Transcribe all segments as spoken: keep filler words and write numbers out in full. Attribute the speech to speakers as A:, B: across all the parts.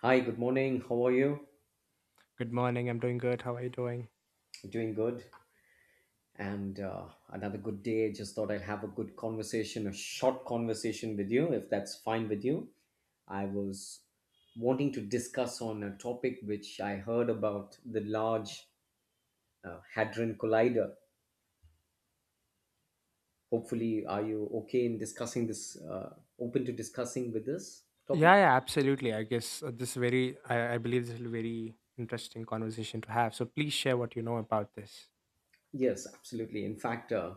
A: Hi, good morning. How are you?
B: Good morning. I'm doing good. How are you doing?
A: Doing good. And uh, Another good day. Just thought I'd have a good conversation, a short conversation with you, if that's fine with you. I was wanting to discuss on a topic which I heard about the Large uh, Hadron Collider. Hopefully, are you okay in discussing this? Uh, open to discussing with this topic?
B: Yeah, yeah, absolutely. I guess uh, this very, I, I believe this is a very interesting conversation to have. So please share what you know about this.
A: Yes, absolutely. In fact, uh,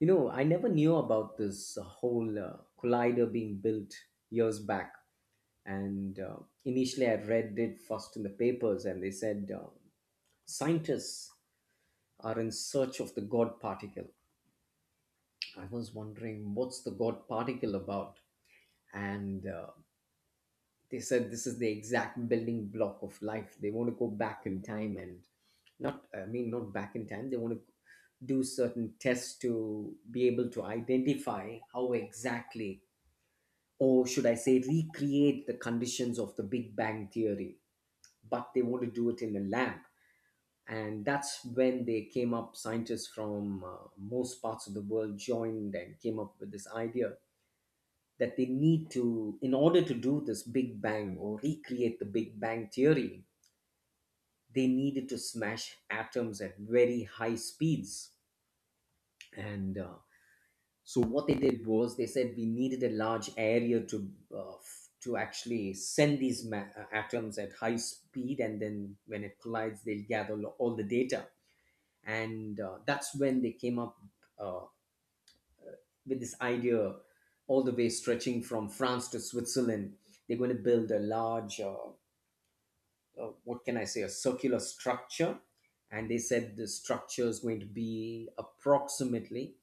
A: you know, I never knew about this whole uh, collider being built years back. And uh, Initially, I read it first in the papers, and they said uh, scientists are in search of the god particle. I was wondering what's the god particle about. And uh, they said this is the exact building block of life. They want to go back in time and not I mean not back in time. They want to do certain tests to be able to identify how exactly, or should I say, recreate the conditions of the Big Bang Theory, but they want to do it in a lab. And that's when they came up, scientists from uh, most parts of the world joined and came up with this idea that they need to, in order to do this Big Bang or recreate the Big Bang Theory, they needed to smash atoms at very high speeds. And uh, So what they did was they said we needed a large area to uh, f- to actually send these ma- uh, atoms at high speed, and then when it collides, they'll gather lo- all the data, and uh, that's when they came up uh, with this idea, all the way stretching from France to Switzerland. They're going to build a large, uh, uh, what can I say, a circular structure, and they said the structure is going to be approximately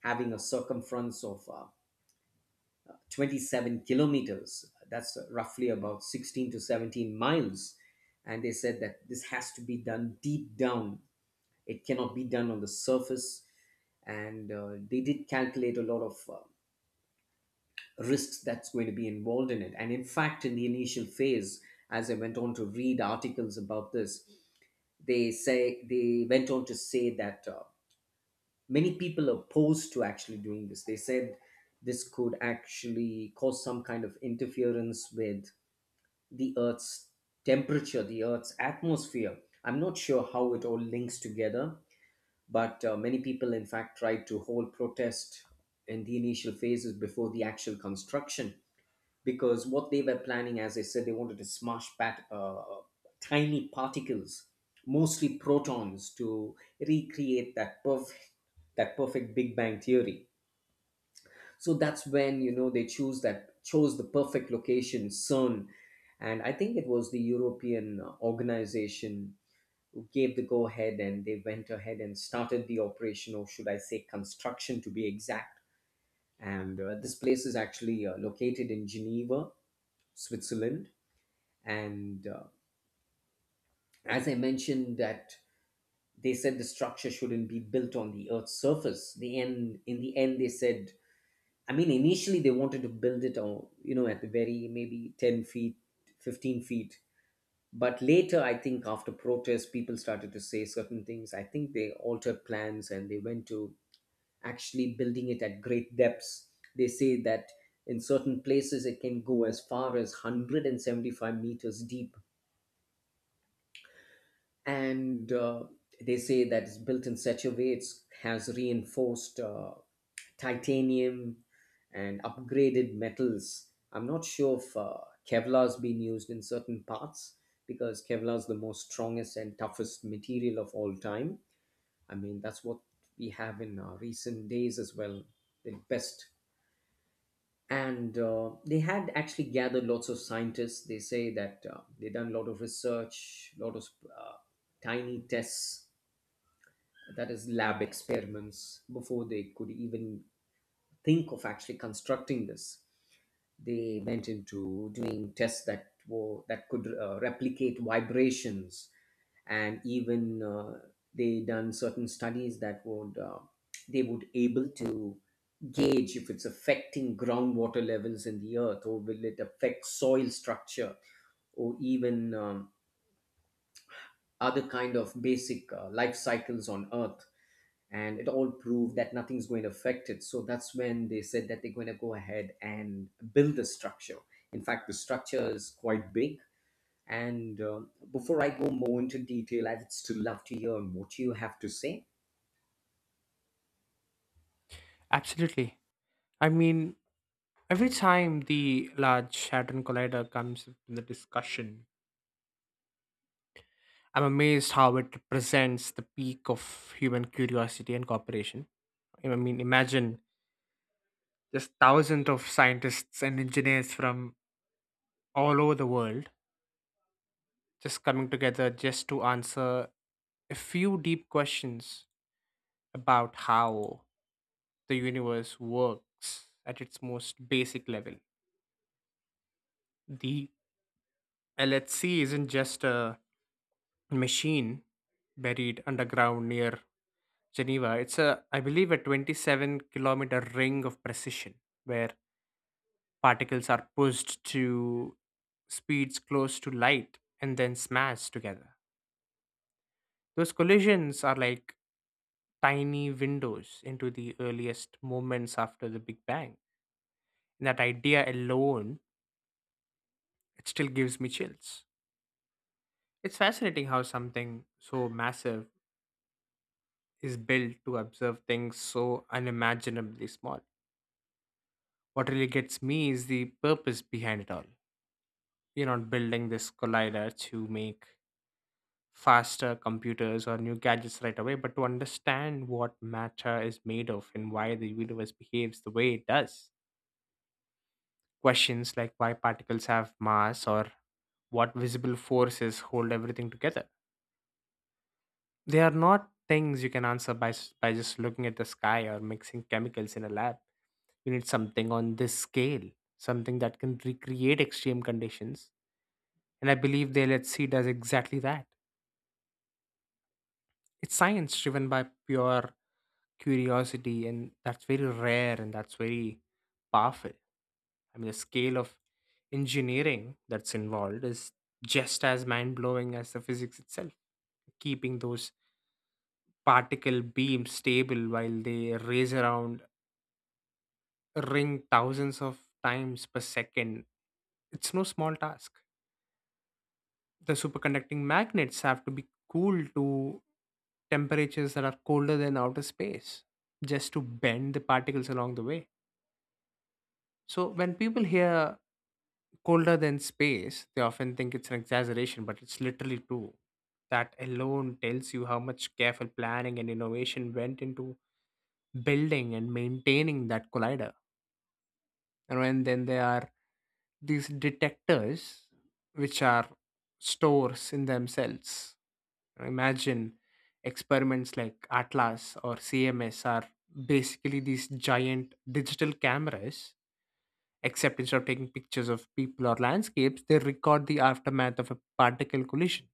A: having a circumference of uh, twenty-seven kilometers. That's roughly about sixteen to seventeen miles. And they said that this has to be done deep down. It cannot be done on the surface. And uh, they did calculate a lot of uh, risks that's going to be involved in it. And in fact, in the initial phase, as I went on to read articles about this, they say they went on to say that uh, many people opposed to actually doing this. They said this could actually cause some kind of interference with the Earth's temperature, the Earth's atmosphere. I'm not sure how it all links together, but uh, many people, in fact, tried to hold protest in the initial phases before the actual construction, because what they were planning, as I said, they wanted to smash pat, uh, tiny particles, mostly protons, to recreate that perfect, that perfect Big Bang theory. So that's when, you know, they choose that chose the perfect location, CERN. And I think it was the European uh, organization who gave the go ahead, and they went ahead and started the operation, or should I say construction, to be exact. And uh, this place is actually uh, located in Geneva, Switzerland. And uh, as I mentioned that they said the structure shouldn't be built on the Earth's surface. The end In the end, they said, I mean, initially they wanted to build it on, you know, at the very maybe ten feet, fifteen feet. But later, I think after protest, people started to say certain things. I think they altered plans and they went to actually building it at great depths. They say that in certain places it can go as far as one hundred seventy-five meters deep. And uh, They say that it's built in such a way it has reinforced uh, titanium and upgraded metals. I'm not sure if uh, Kevlar's been used in certain parts, because Kevlar is the most strongest and toughest material of all time. I mean, that's what we have in uh, recent days as well, the best. And uh, they had actually gathered lots of scientists. They say that uh, they've done a lot of research, lot of uh, tiny tests, that is lab experiments, before they could even think of actually constructing this. They went into doing tests that were that could uh, replicate vibrations, and even uh, they done certain studies that would uh, they would able to gauge if it's affecting groundwater levels in the earth, or will it affect soil structure, or even um, other kind of basic uh, life cycles on earth. And it all proved that nothing's going to affect it. So that's when they said that they're going to go ahead and build the structure. In fact, the structure is quite big. And um, before I go more into detail, I'd still love to hear what you have to say.
B: Absolutely. I mean, every time the Large Hadron Collider comes up in the discussion, I'm amazed how it represents the peak of human curiosity and cooperation. I mean, imagine just thousands of scientists and engineers from all over the world just coming together just to answer a few deep questions about how the universe works at its most basic level. The L H C isn't just a machine buried underground near Geneva. It's a, I believe, a 27 kilometer ring of precision where particles are pushed to speeds close to light and then smashed together. Those collisions are like tiny windows into the earliest moments after the Big Bang. And that idea alone, it still gives me chills. It's fascinating how something so massive is built to observe things so unimaginably small. What really gets me is the purpose behind it all. We're not building this collider to make faster computers or new gadgets right away, but to understand what matter is made of and why the universe behaves the way it does, questions like why particles have mass or what visible forces hold everything together. They are not things you can answer by, s- by just looking at the sky or mixing chemicals in a lab. You need something on this scale, something that can recreate extreme conditions. And I believe the L H C does exactly that. It's science driven by pure curiosity, and that's very rare and that's very powerful. I mean, the scale of engineering that's involved is just as mind blowing as the physics itself. Keeping those particle beams stable while they race around a ring thousands of times per second, it's no small task. The superconducting magnets have to be cooled to temperatures that are colder than outer space just to bend the particles along the way. So when people hear colder than space, they often think it's an exaggeration, but it's literally true. That alone tells you how much careful planning and innovation went into building and maintaining that collider. And when then there are these detectors, which are stores in themselves. Imagine experiments like Atlas or C M S are basically these giant digital cameras. Except instead of taking pictures of people or landscapes, they record the aftermath of a particle collision.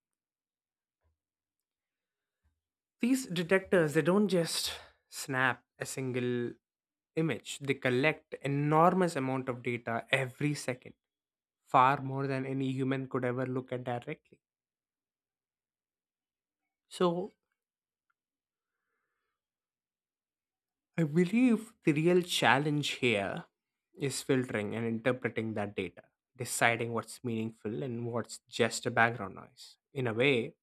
B: These detectors, they don't just snap a single image. They collect enormous amount of data every second, far more than any human could ever look at directly. So I believe the real challenge here is filtering and interpreting that data, deciding what's meaningful and what's just a background noise. In a way,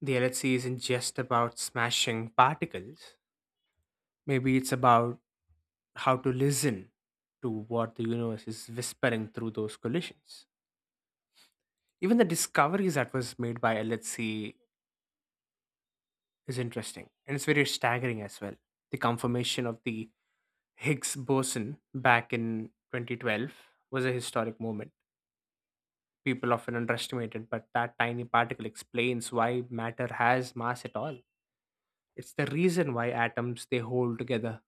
B: the L H C isn't just about smashing particles. Maybe it's about how to listen to what the universe is whispering through those collisions. Even the discoveries that was made by L H C is interesting and it's very staggering as well. The confirmation of the Higgs boson back in twenty twelve was a historic moment. People often underestimate it, but that tiny particle explains why matter has mass at all. It's the reason why atoms they hold together,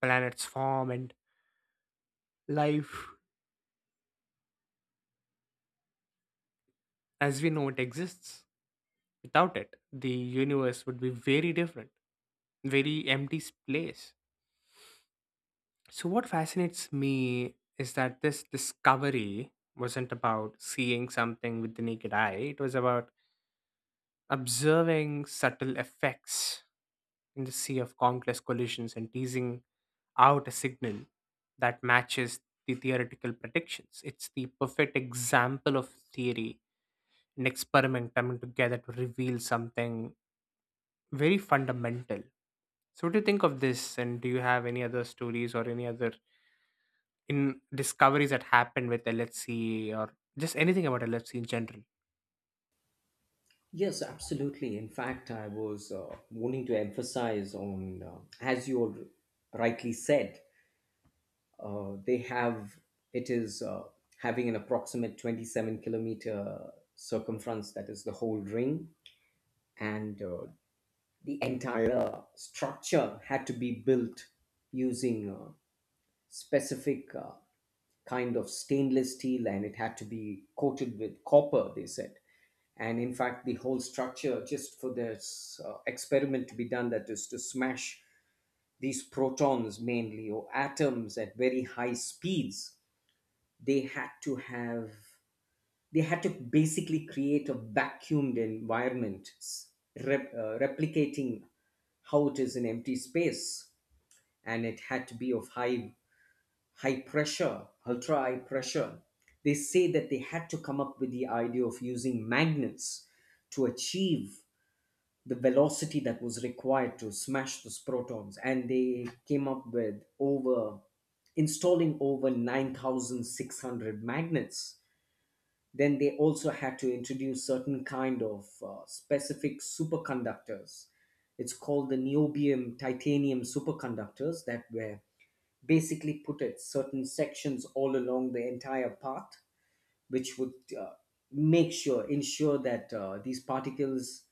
B: planets form and life as we know it exists. Without it, the universe would be very different, very empty place. So, what fascinates me is that this discovery wasn't about seeing something with the naked eye, it was about observing subtle effects in the sea of countless collisions and teasing out a signal that matches the theoretical predictions. It's the perfect example of theory and experiment coming together to reveal something very fundamental. So, what do you think of this? And do you have any other stories or any other in discoveries that happened with L H C or just anything about L H C in general?
A: Yes, absolutely. In fact, I was uh, wanting to emphasize on, uh, as you al- rightly said, uh, they have it is uh, having an approximate twenty-seven kilometer circumference, that is the whole ring. And uh, the entire uh, structure had to be built using a specific uh, kind of stainless steel, and it had to be coated with copper, they said. And in fact, the whole structure, just for this uh, experiment to be done, that is to smash these protons mainly or atoms at very high speeds, they had to have they had to basically create a vacuumed environment, s- rep, uh, replicating how it is in empty space. And it had to be of high high pressure, ultra high pressure. They say that they had to come up with the idea of using magnets to achieve the velocity that was required to smash those protons, and they came up with over installing over nine thousand six hundred magnets. Then they also had to introduce certain kind of uh, specific superconductors. It's called the niobium titanium superconductors that were basically put at certain sections all along the entire path, which would uh, make sure, ensure that uh, these particles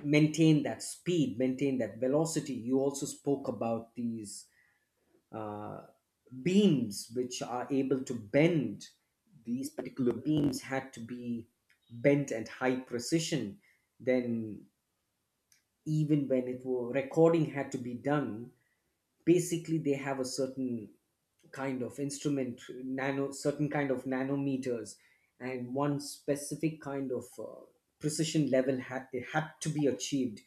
A: maintain that speed, maintain that velocity. You also spoke about these uh, beams which are able to bend. These particular beams had to be bent at high precision. Then, even when it were recording had to be done, basically they have a certain kind of instrument, nano certain kind of nanometers, and one specific kind of uh, precision level had it had to be achieved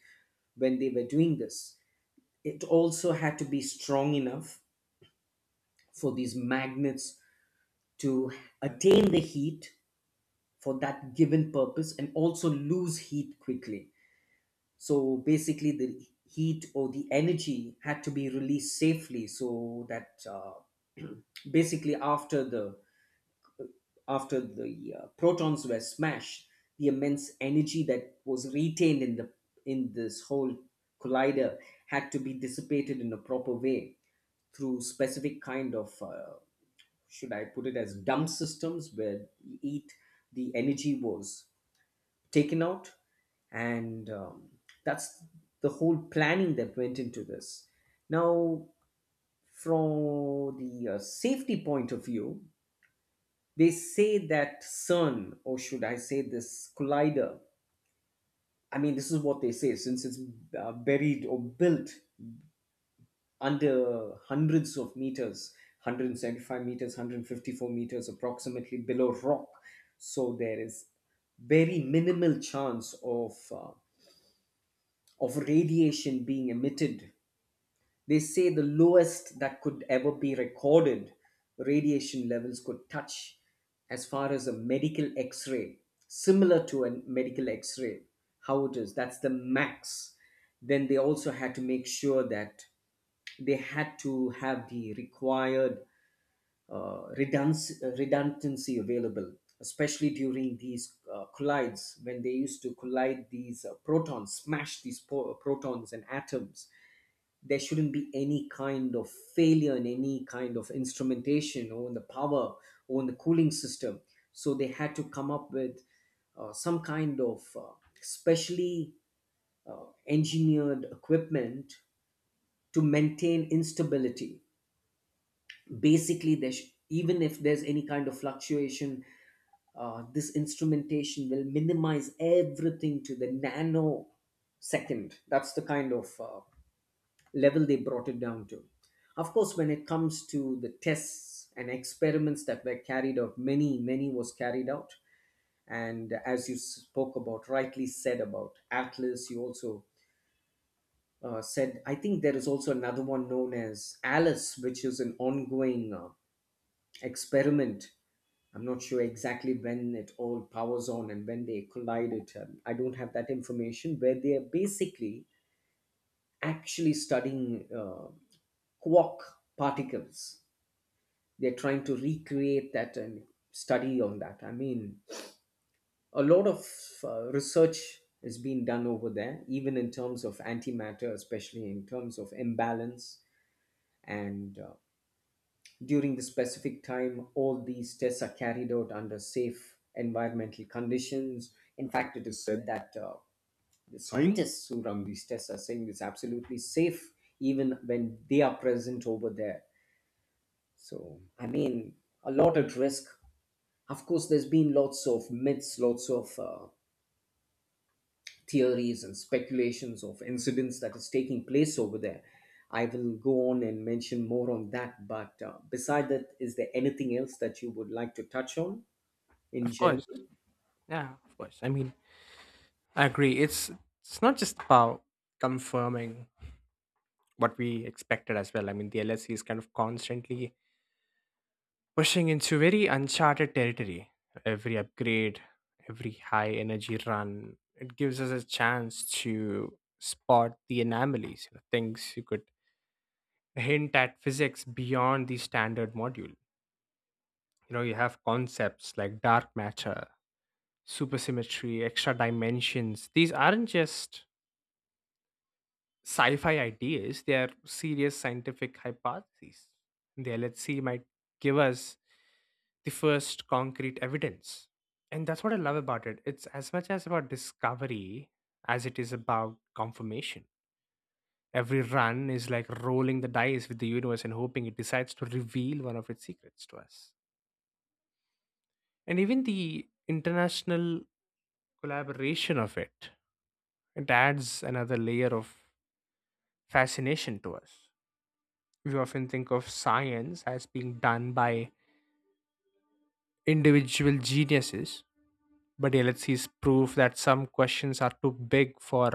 A: when they were doing this. It also had to be strong enough for these magnets to attain the heat for that given purpose, and also lose heat quickly. So basically the heat or the energy had to be released safely, so that uh, basically after the after the uh, protons were smashed, the immense energy that was retained in the in this whole collider had to be dissipated in a proper way through specific kind of uh, should I put it as dump systems, where eat the energy was taken out. And um, that's the whole planning that went into this. Now, from the uh, safety point of view, they say that CERN, or should I say this collider, I mean, this is what they say, since it's uh, buried or built under hundreds of meters, one hundred seventy-five meters, one hundred fifty-four meters approximately below rock. So there is very minimal chance of, uh, of radiation being emitted. They say the lowest that could ever be recorded radiation levels could touch as far as a medical x ray, similar to a medical x ray, how it is. That's the max. Then they also had to make sure that they had to have the required uh, redundancy, redundancy available, especially during these uh, collides when they used to collide these uh, protons, smash these po- protons and atoms. There shouldn't be any kind of failure in any kind of instrumentation, or in the power, or in the cooling system. So they had to come up with uh, some kind of uh, specially uh, engineered equipment to maintain instability. Basically, there sh- even if there's any kind of fluctuation, uh, this instrumentation will minimize everything to the nanosecond. That's the kind of uh, level they brought it down to. Of course, when it comes to the tests and experiments that were carried out, many, many was carried out. And as you spoke about, rightly said about Atlas, you also uh, said, I think there is also another one known as Alice, which is an ongoing uh, experiment. I'm not sure exactly when it all powers on and when they collide it. Um, I don't have that information, where they are basically actually studying uh, quark particles. They're trying to recreate that and study on that. I mean, a lot of uh, research is being done over there, even in terms of antimatter, especially in terms of imbalance. And uh, during the specific time, all these tests are carried out under safe environmental conditions. In fact, it is said that uh, the scientists who run these tests are saying it's absolutely safe even when they are present over there. So, I mean, a lot at risk. Of course, there's been lots of myths, lots of uh, theories and speculations of incidents that is taking place over there. I will go on and mention more on that. But uh, beside that, is there anything else that you would like to touch on in
B: Of course,
A: general?
B: yeah, of course. I mean, I agree. It's it's not just about confirming what we expected as well. I mean, the L H C is kind of constantly pushing into very uncharted territory. Every upgrade, every high energy run, it gives us a chance to spot the anomalies, you know, things you could hint at physics beyond the standard module. You know, you have concepts like dark matter, supersymmetry, extra dimensions. These aren't just sci fi ideas, they are serious scientific hypotheses. The L H C might give us the first concrete evidence. And that's what I love about it. It's as much as about discovery as it is about confirmation. Every run is like rolling the dice with the universe and hoping it decides to reveal one of its secrets to us. And even the international collaboration of it, it adds another layer of fascination to us. We often think of science as being done by individual geniuses, but let LHC is proof that some questions are too big for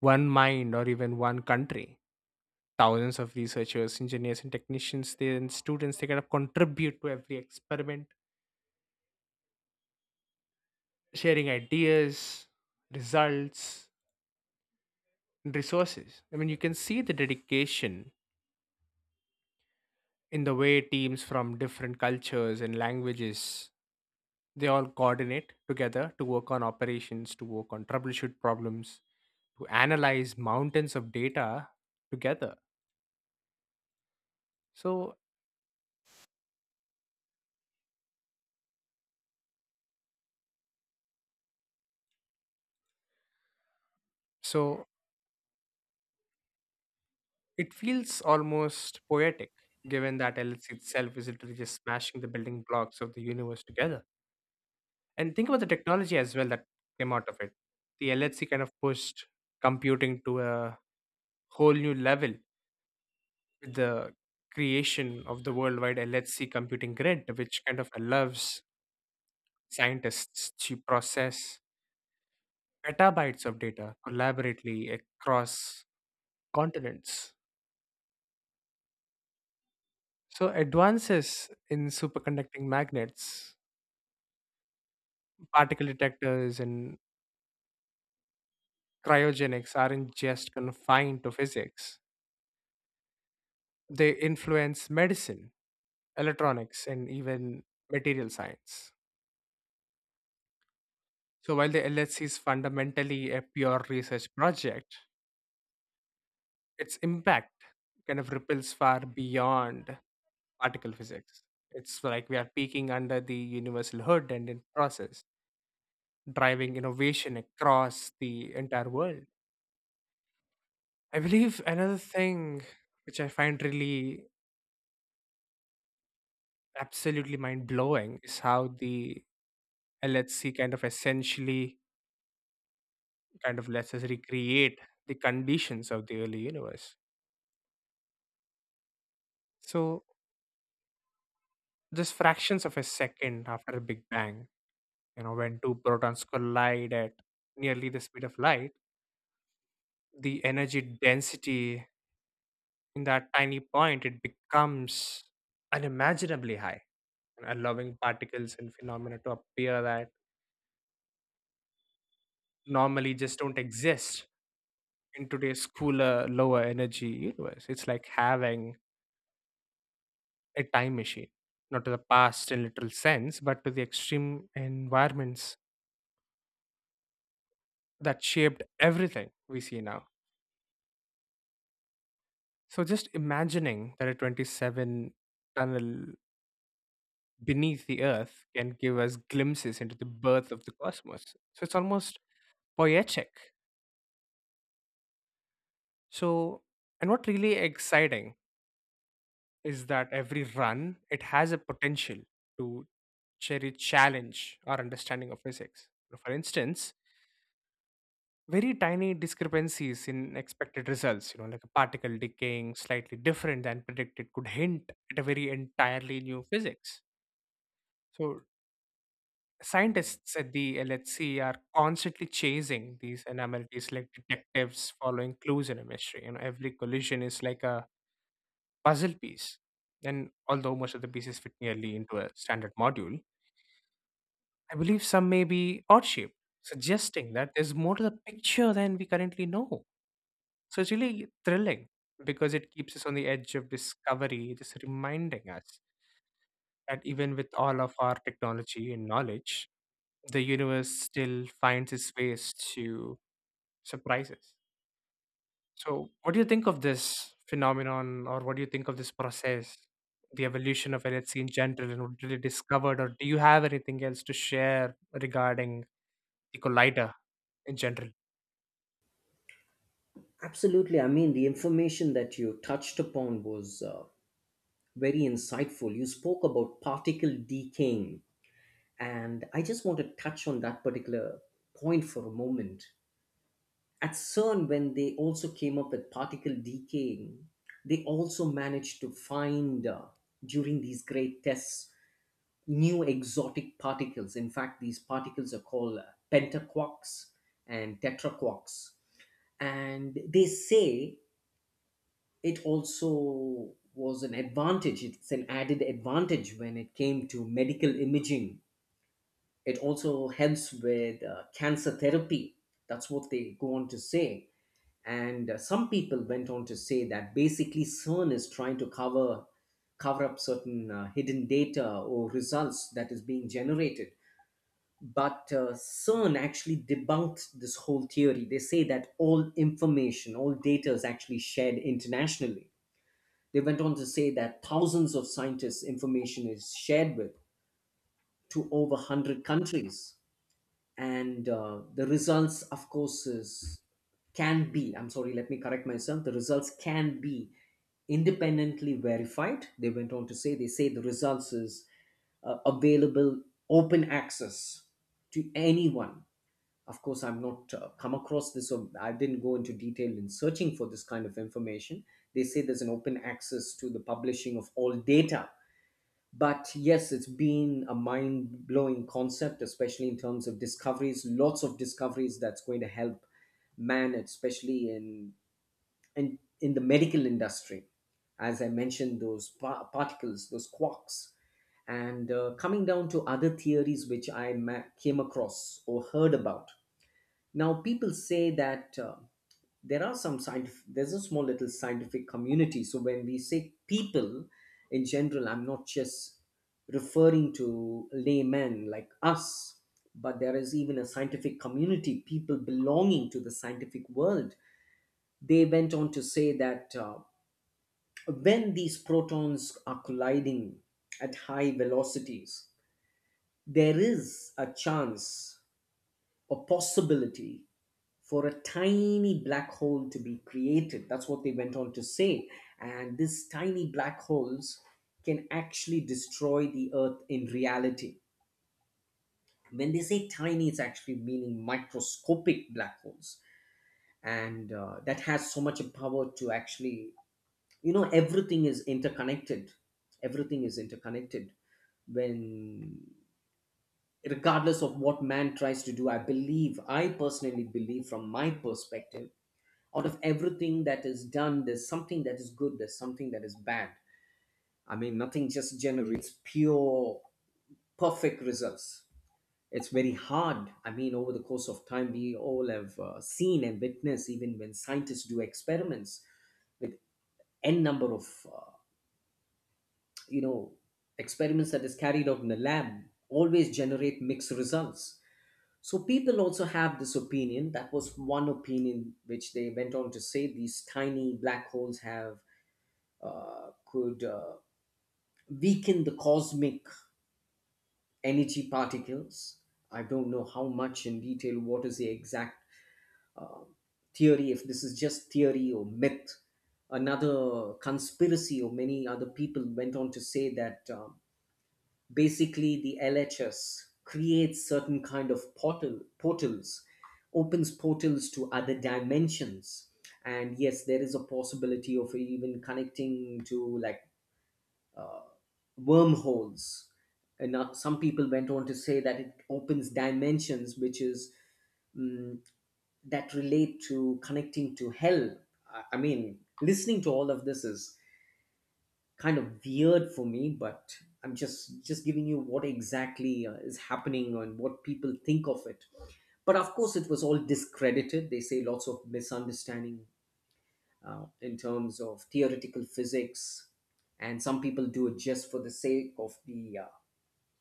B: one mind or even one country. Thousands of researchers, engineers and technicians they, and students they kind of contribute to every experiment, sharing ideas, results and resources. I mean, you can see the dedication in the way teams from different cultures and languages, they all coordinate together to work on operations, to work on troubleshoot problems, to analyze mountains of data together. So so it feels almost poetic given that L H C itself is literally just smashing the building blocks of the universe together. And think about the technology as well that came out of it. The L H C kind of pushed computing to a whole new level with the creation of the worldwide L H C computing grid, which kind of allows scientists to process petabytes of data collaboratively across continents. So, advances in superconducting magnets, particle detectors, and cryogenics aren't just confined to physics, they influence medicine, electronics, and even material science. So, while the L H C is fundamentally a pure research project, its impact kind of ripples far beyond particle physics. It's like we are peeking under the universal hood and in process, driving innovation across the entire world. I believe another thing which I find really absolutely mind blowing is how the L H C kind of essentially kind of lets us recreate the conditions of the early universe. So just fractions of a second after a big bang. You know, when two protons collide at nearly the speed of light, the energy density in that tiny point it becomes unimaginably high, allowing particles and phenomena to appear that normally just don't exist in today's cooler, lower energy universe. It's like having a time machine, not to the past in literal sense, but to the extreme environments that shaped everything we see now. So just imagining that a twenty-seven tunnel beneath the earth can give us glimpses into the birth of the cosmos. So it's almost poetic. So, and what really exciting is that every run, it has a potential to cherry challenge our understanding of physics. So, for instance, very tiny discrepancies in expected results, you know, like a particle decaying slightly different than predicted, could hint at a very entirely new physics. So, scientists at the L H C are constantly chasing these anomalies like detectives following clues in a mystery. You know, every collision is like a puzzle piece. And although most of the pieces fit nearly into a standard module, I believe some may be odd shaped, suggesting that there's more to the picture than we currently know. So it's really thrilling because it keeps us on the edge of discovery, just reminding us that even with all of our technology and knowledge, the universe still finds its ways to surprises. So, what do you think of this phenomenon, or what do you think of this process, the evolution of L H C in general, and what did it discovered, or do you have anything else to share regarding the collider in general?
A: Absolutely. I mean, the information that you touched upon was uh, very insightful. You spoke about particle decaying, and I just want to touch on that particular point for a moment. At CERN, when they also came up with particle decaying, they also managed to find uh, during these great tests new exotic particles. In fact, these particles are called uh, pentaquarks and tetraquarks. And they say it also was an advantage, it's an added advantage when it came to medical imaging. It also helps with uh, cancer therapy. That's what they go on to say, and uh, some people went on to say that basically CERN is trying to cover cover up certain uh, hidden data or results that is being generated. But uh, CERN actually debunked this whole theory. They say that all information, all data is actually shared internationally. They went on to say that thousands of scientists' information is shared with, to over one hundred countries. And uh, the results, of course, is can be i'm sorry let me correct myself, the results can be independently verified. They went on to say, they say the results is uh, available, open access, to anyone. Of course, I'm not uh, come across this. Or I didn't go into detail in searching for this kind of information. They say there's an open access to the publishing of all data. But yes, it's been a mind-blowing concept, especially in terms of discoveries, lots of discoveries that's going to help man, especially in in, in the medical industry, as I mentioned, those pa- particles, those quarks. And uh, coming down to other theories which i ma- came across or heard about, now, people say that uh, there are some scientific, there's a small little scientific community. So when we say people in general, I'm not just referring to laymen like us, but there is even a scientific community, people belonging to the scientific world. They went on to say that uh, when these protons are colliding at high velocities, there is a chance, a possibility for a tiny black hole to be created. That's what they went on to say. And these tiny black holes can actually destroy the Earth in reality. When they say tiny, it's actually meaning microscopic black holes. And uh, that has so much power to actually, you know, everything is interconnected. Everything is interconnected when Regardless of what man tries to do, i believe I personally believe, from my perspective, out of everything that is done, there's something that is good, there's something that is bad. I mean, nothing just generates pure perfect results. It's very hard. I mean, over the course of time, we all have uh, seen and witnessed, even when scientists do experiments with n number of uh, you know, experiments that is carried out in the lab, always generate mixed results. So people also have this opinion, that was one opinion, which they went on to say these tiny black holes have uh, could uh, weaken the cosmic energy particles. I don't know how much in detail what is the exact uh, theory, if this is just theory or myth. Another conspiracy, or many other people went on to say that um, basically the L H S creates certain kind of portal portals, opens portals to other dimensions, and yes, there is a possibility of even connecting to like wormholes. And uh, some people went on to say that it opens dimensions, which is mm that relate to connecting to hell. I, I mean, listening to all of this is kind of weird for me, but I'm just just giving you what exactly uh, is happening and what people think of it. But of course, it was all discredited. They say lots of misunderstanding uh, in terms of theoretical physics, and some people do it just for the sake of the uh,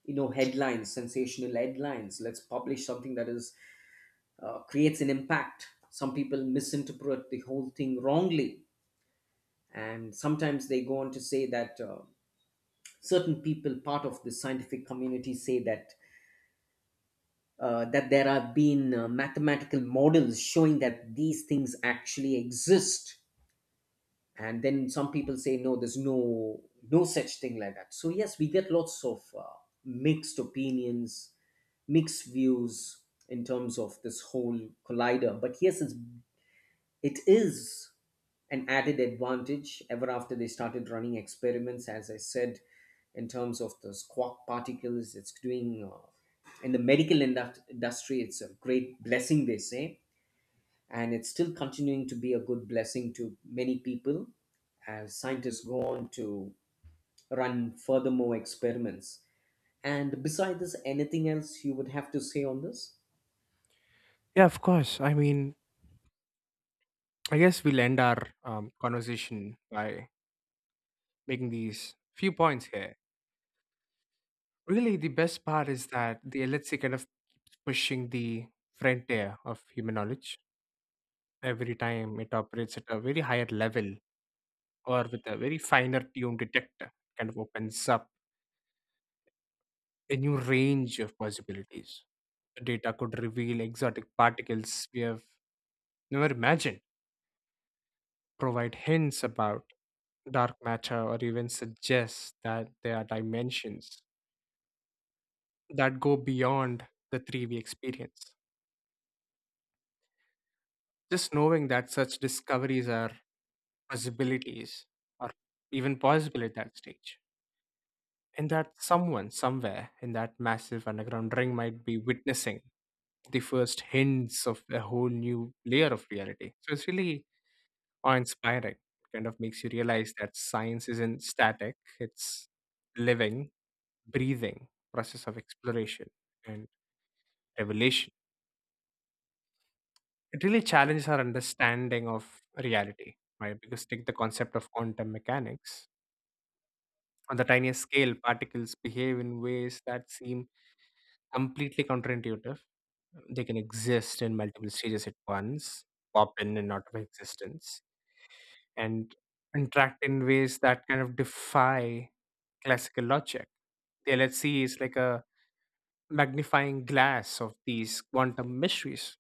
A: you know, headlines, sensational headlines. Let's publish something that is uh, creates an impact. Some people misinterpret the whole thing wrongly, and sometimes they go on to say that uh, certain people, part of the scientific community, say that uh, that there have been uh, mathematical models showing that these things actually exist, and then some people say no, there's no no such thing like that. So yes, we get lots of uh, mixed opinions, mixed views in terms of this whole collider. But yes, it's, it is an added advantage ever after they started running experiments, as I said, in terms of the quark particles. It's doing, uh, in the medical indust- industry, it's a great blessing, they say. And it's still continuing to be a good blessing to many people as scientists go on to run furthermore experiments. And besides this, anything else you would have to say on this?
B: Yeah, of course. I mean, I guess we'll end our um, conversation by making these few points here. Really, the best part is that the L H C kind of keeps pushing the frontier of human knowledge every time it operates at a very higher level or with a very finer tuned detector, kind of opens up a new range of possibilities. The data could reveal exotic particles we have never imagined, provide hints about dark matter, or even suggest that there are dimensions that go beyond the three we experience. Just knowing that such discoveries are possibilities or even possible at that stage, and that someone somewhere in that massive underground ring might be witnessing the first hints of a whole new layer of reality. So it's really awe inspiring. Kind of makes you realize that science isn't static, it's living, breathing process of exploration and revelation. It really challenges our understanding of reality, right? Because take the concept of quantum mechanics. On the tiniest scale, particles behave in ways that seem completely counterintuitive. They can exist in multiple stages at once, pop in and out of existence and interact in ways that kind of defy classical logic. The L H C is like a magnifying glass of these quantum mysteries.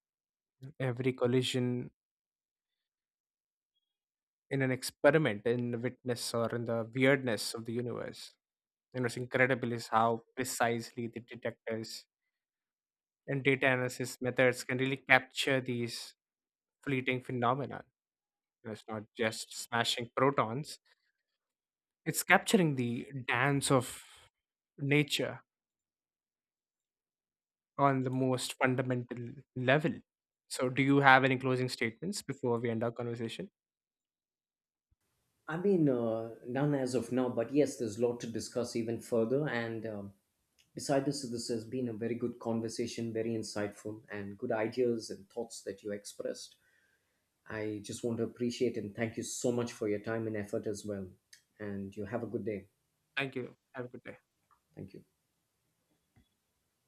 B: Every collision in an experiment, in the witness or in the weirdness of the universe. And what's incredible is how precisely the detectors and data analysis methods can really capture these fleeting phenomena. And it's not just smashing protons, it's capturing the dance of nature on the most fundamental level. So, do you have any closing statements before we end our conversation?
A: I mean, uh, none as of now, but yes, there's a lot to discuss even further. And um, beside this, this has been a very good conversation, very insightful, and good ideas and thoughts that you expressed. I just want to appreciate and thank you so much for your time and effort as well. And you have a good day.
B: Thank you. Have a good day.
A: Thank you.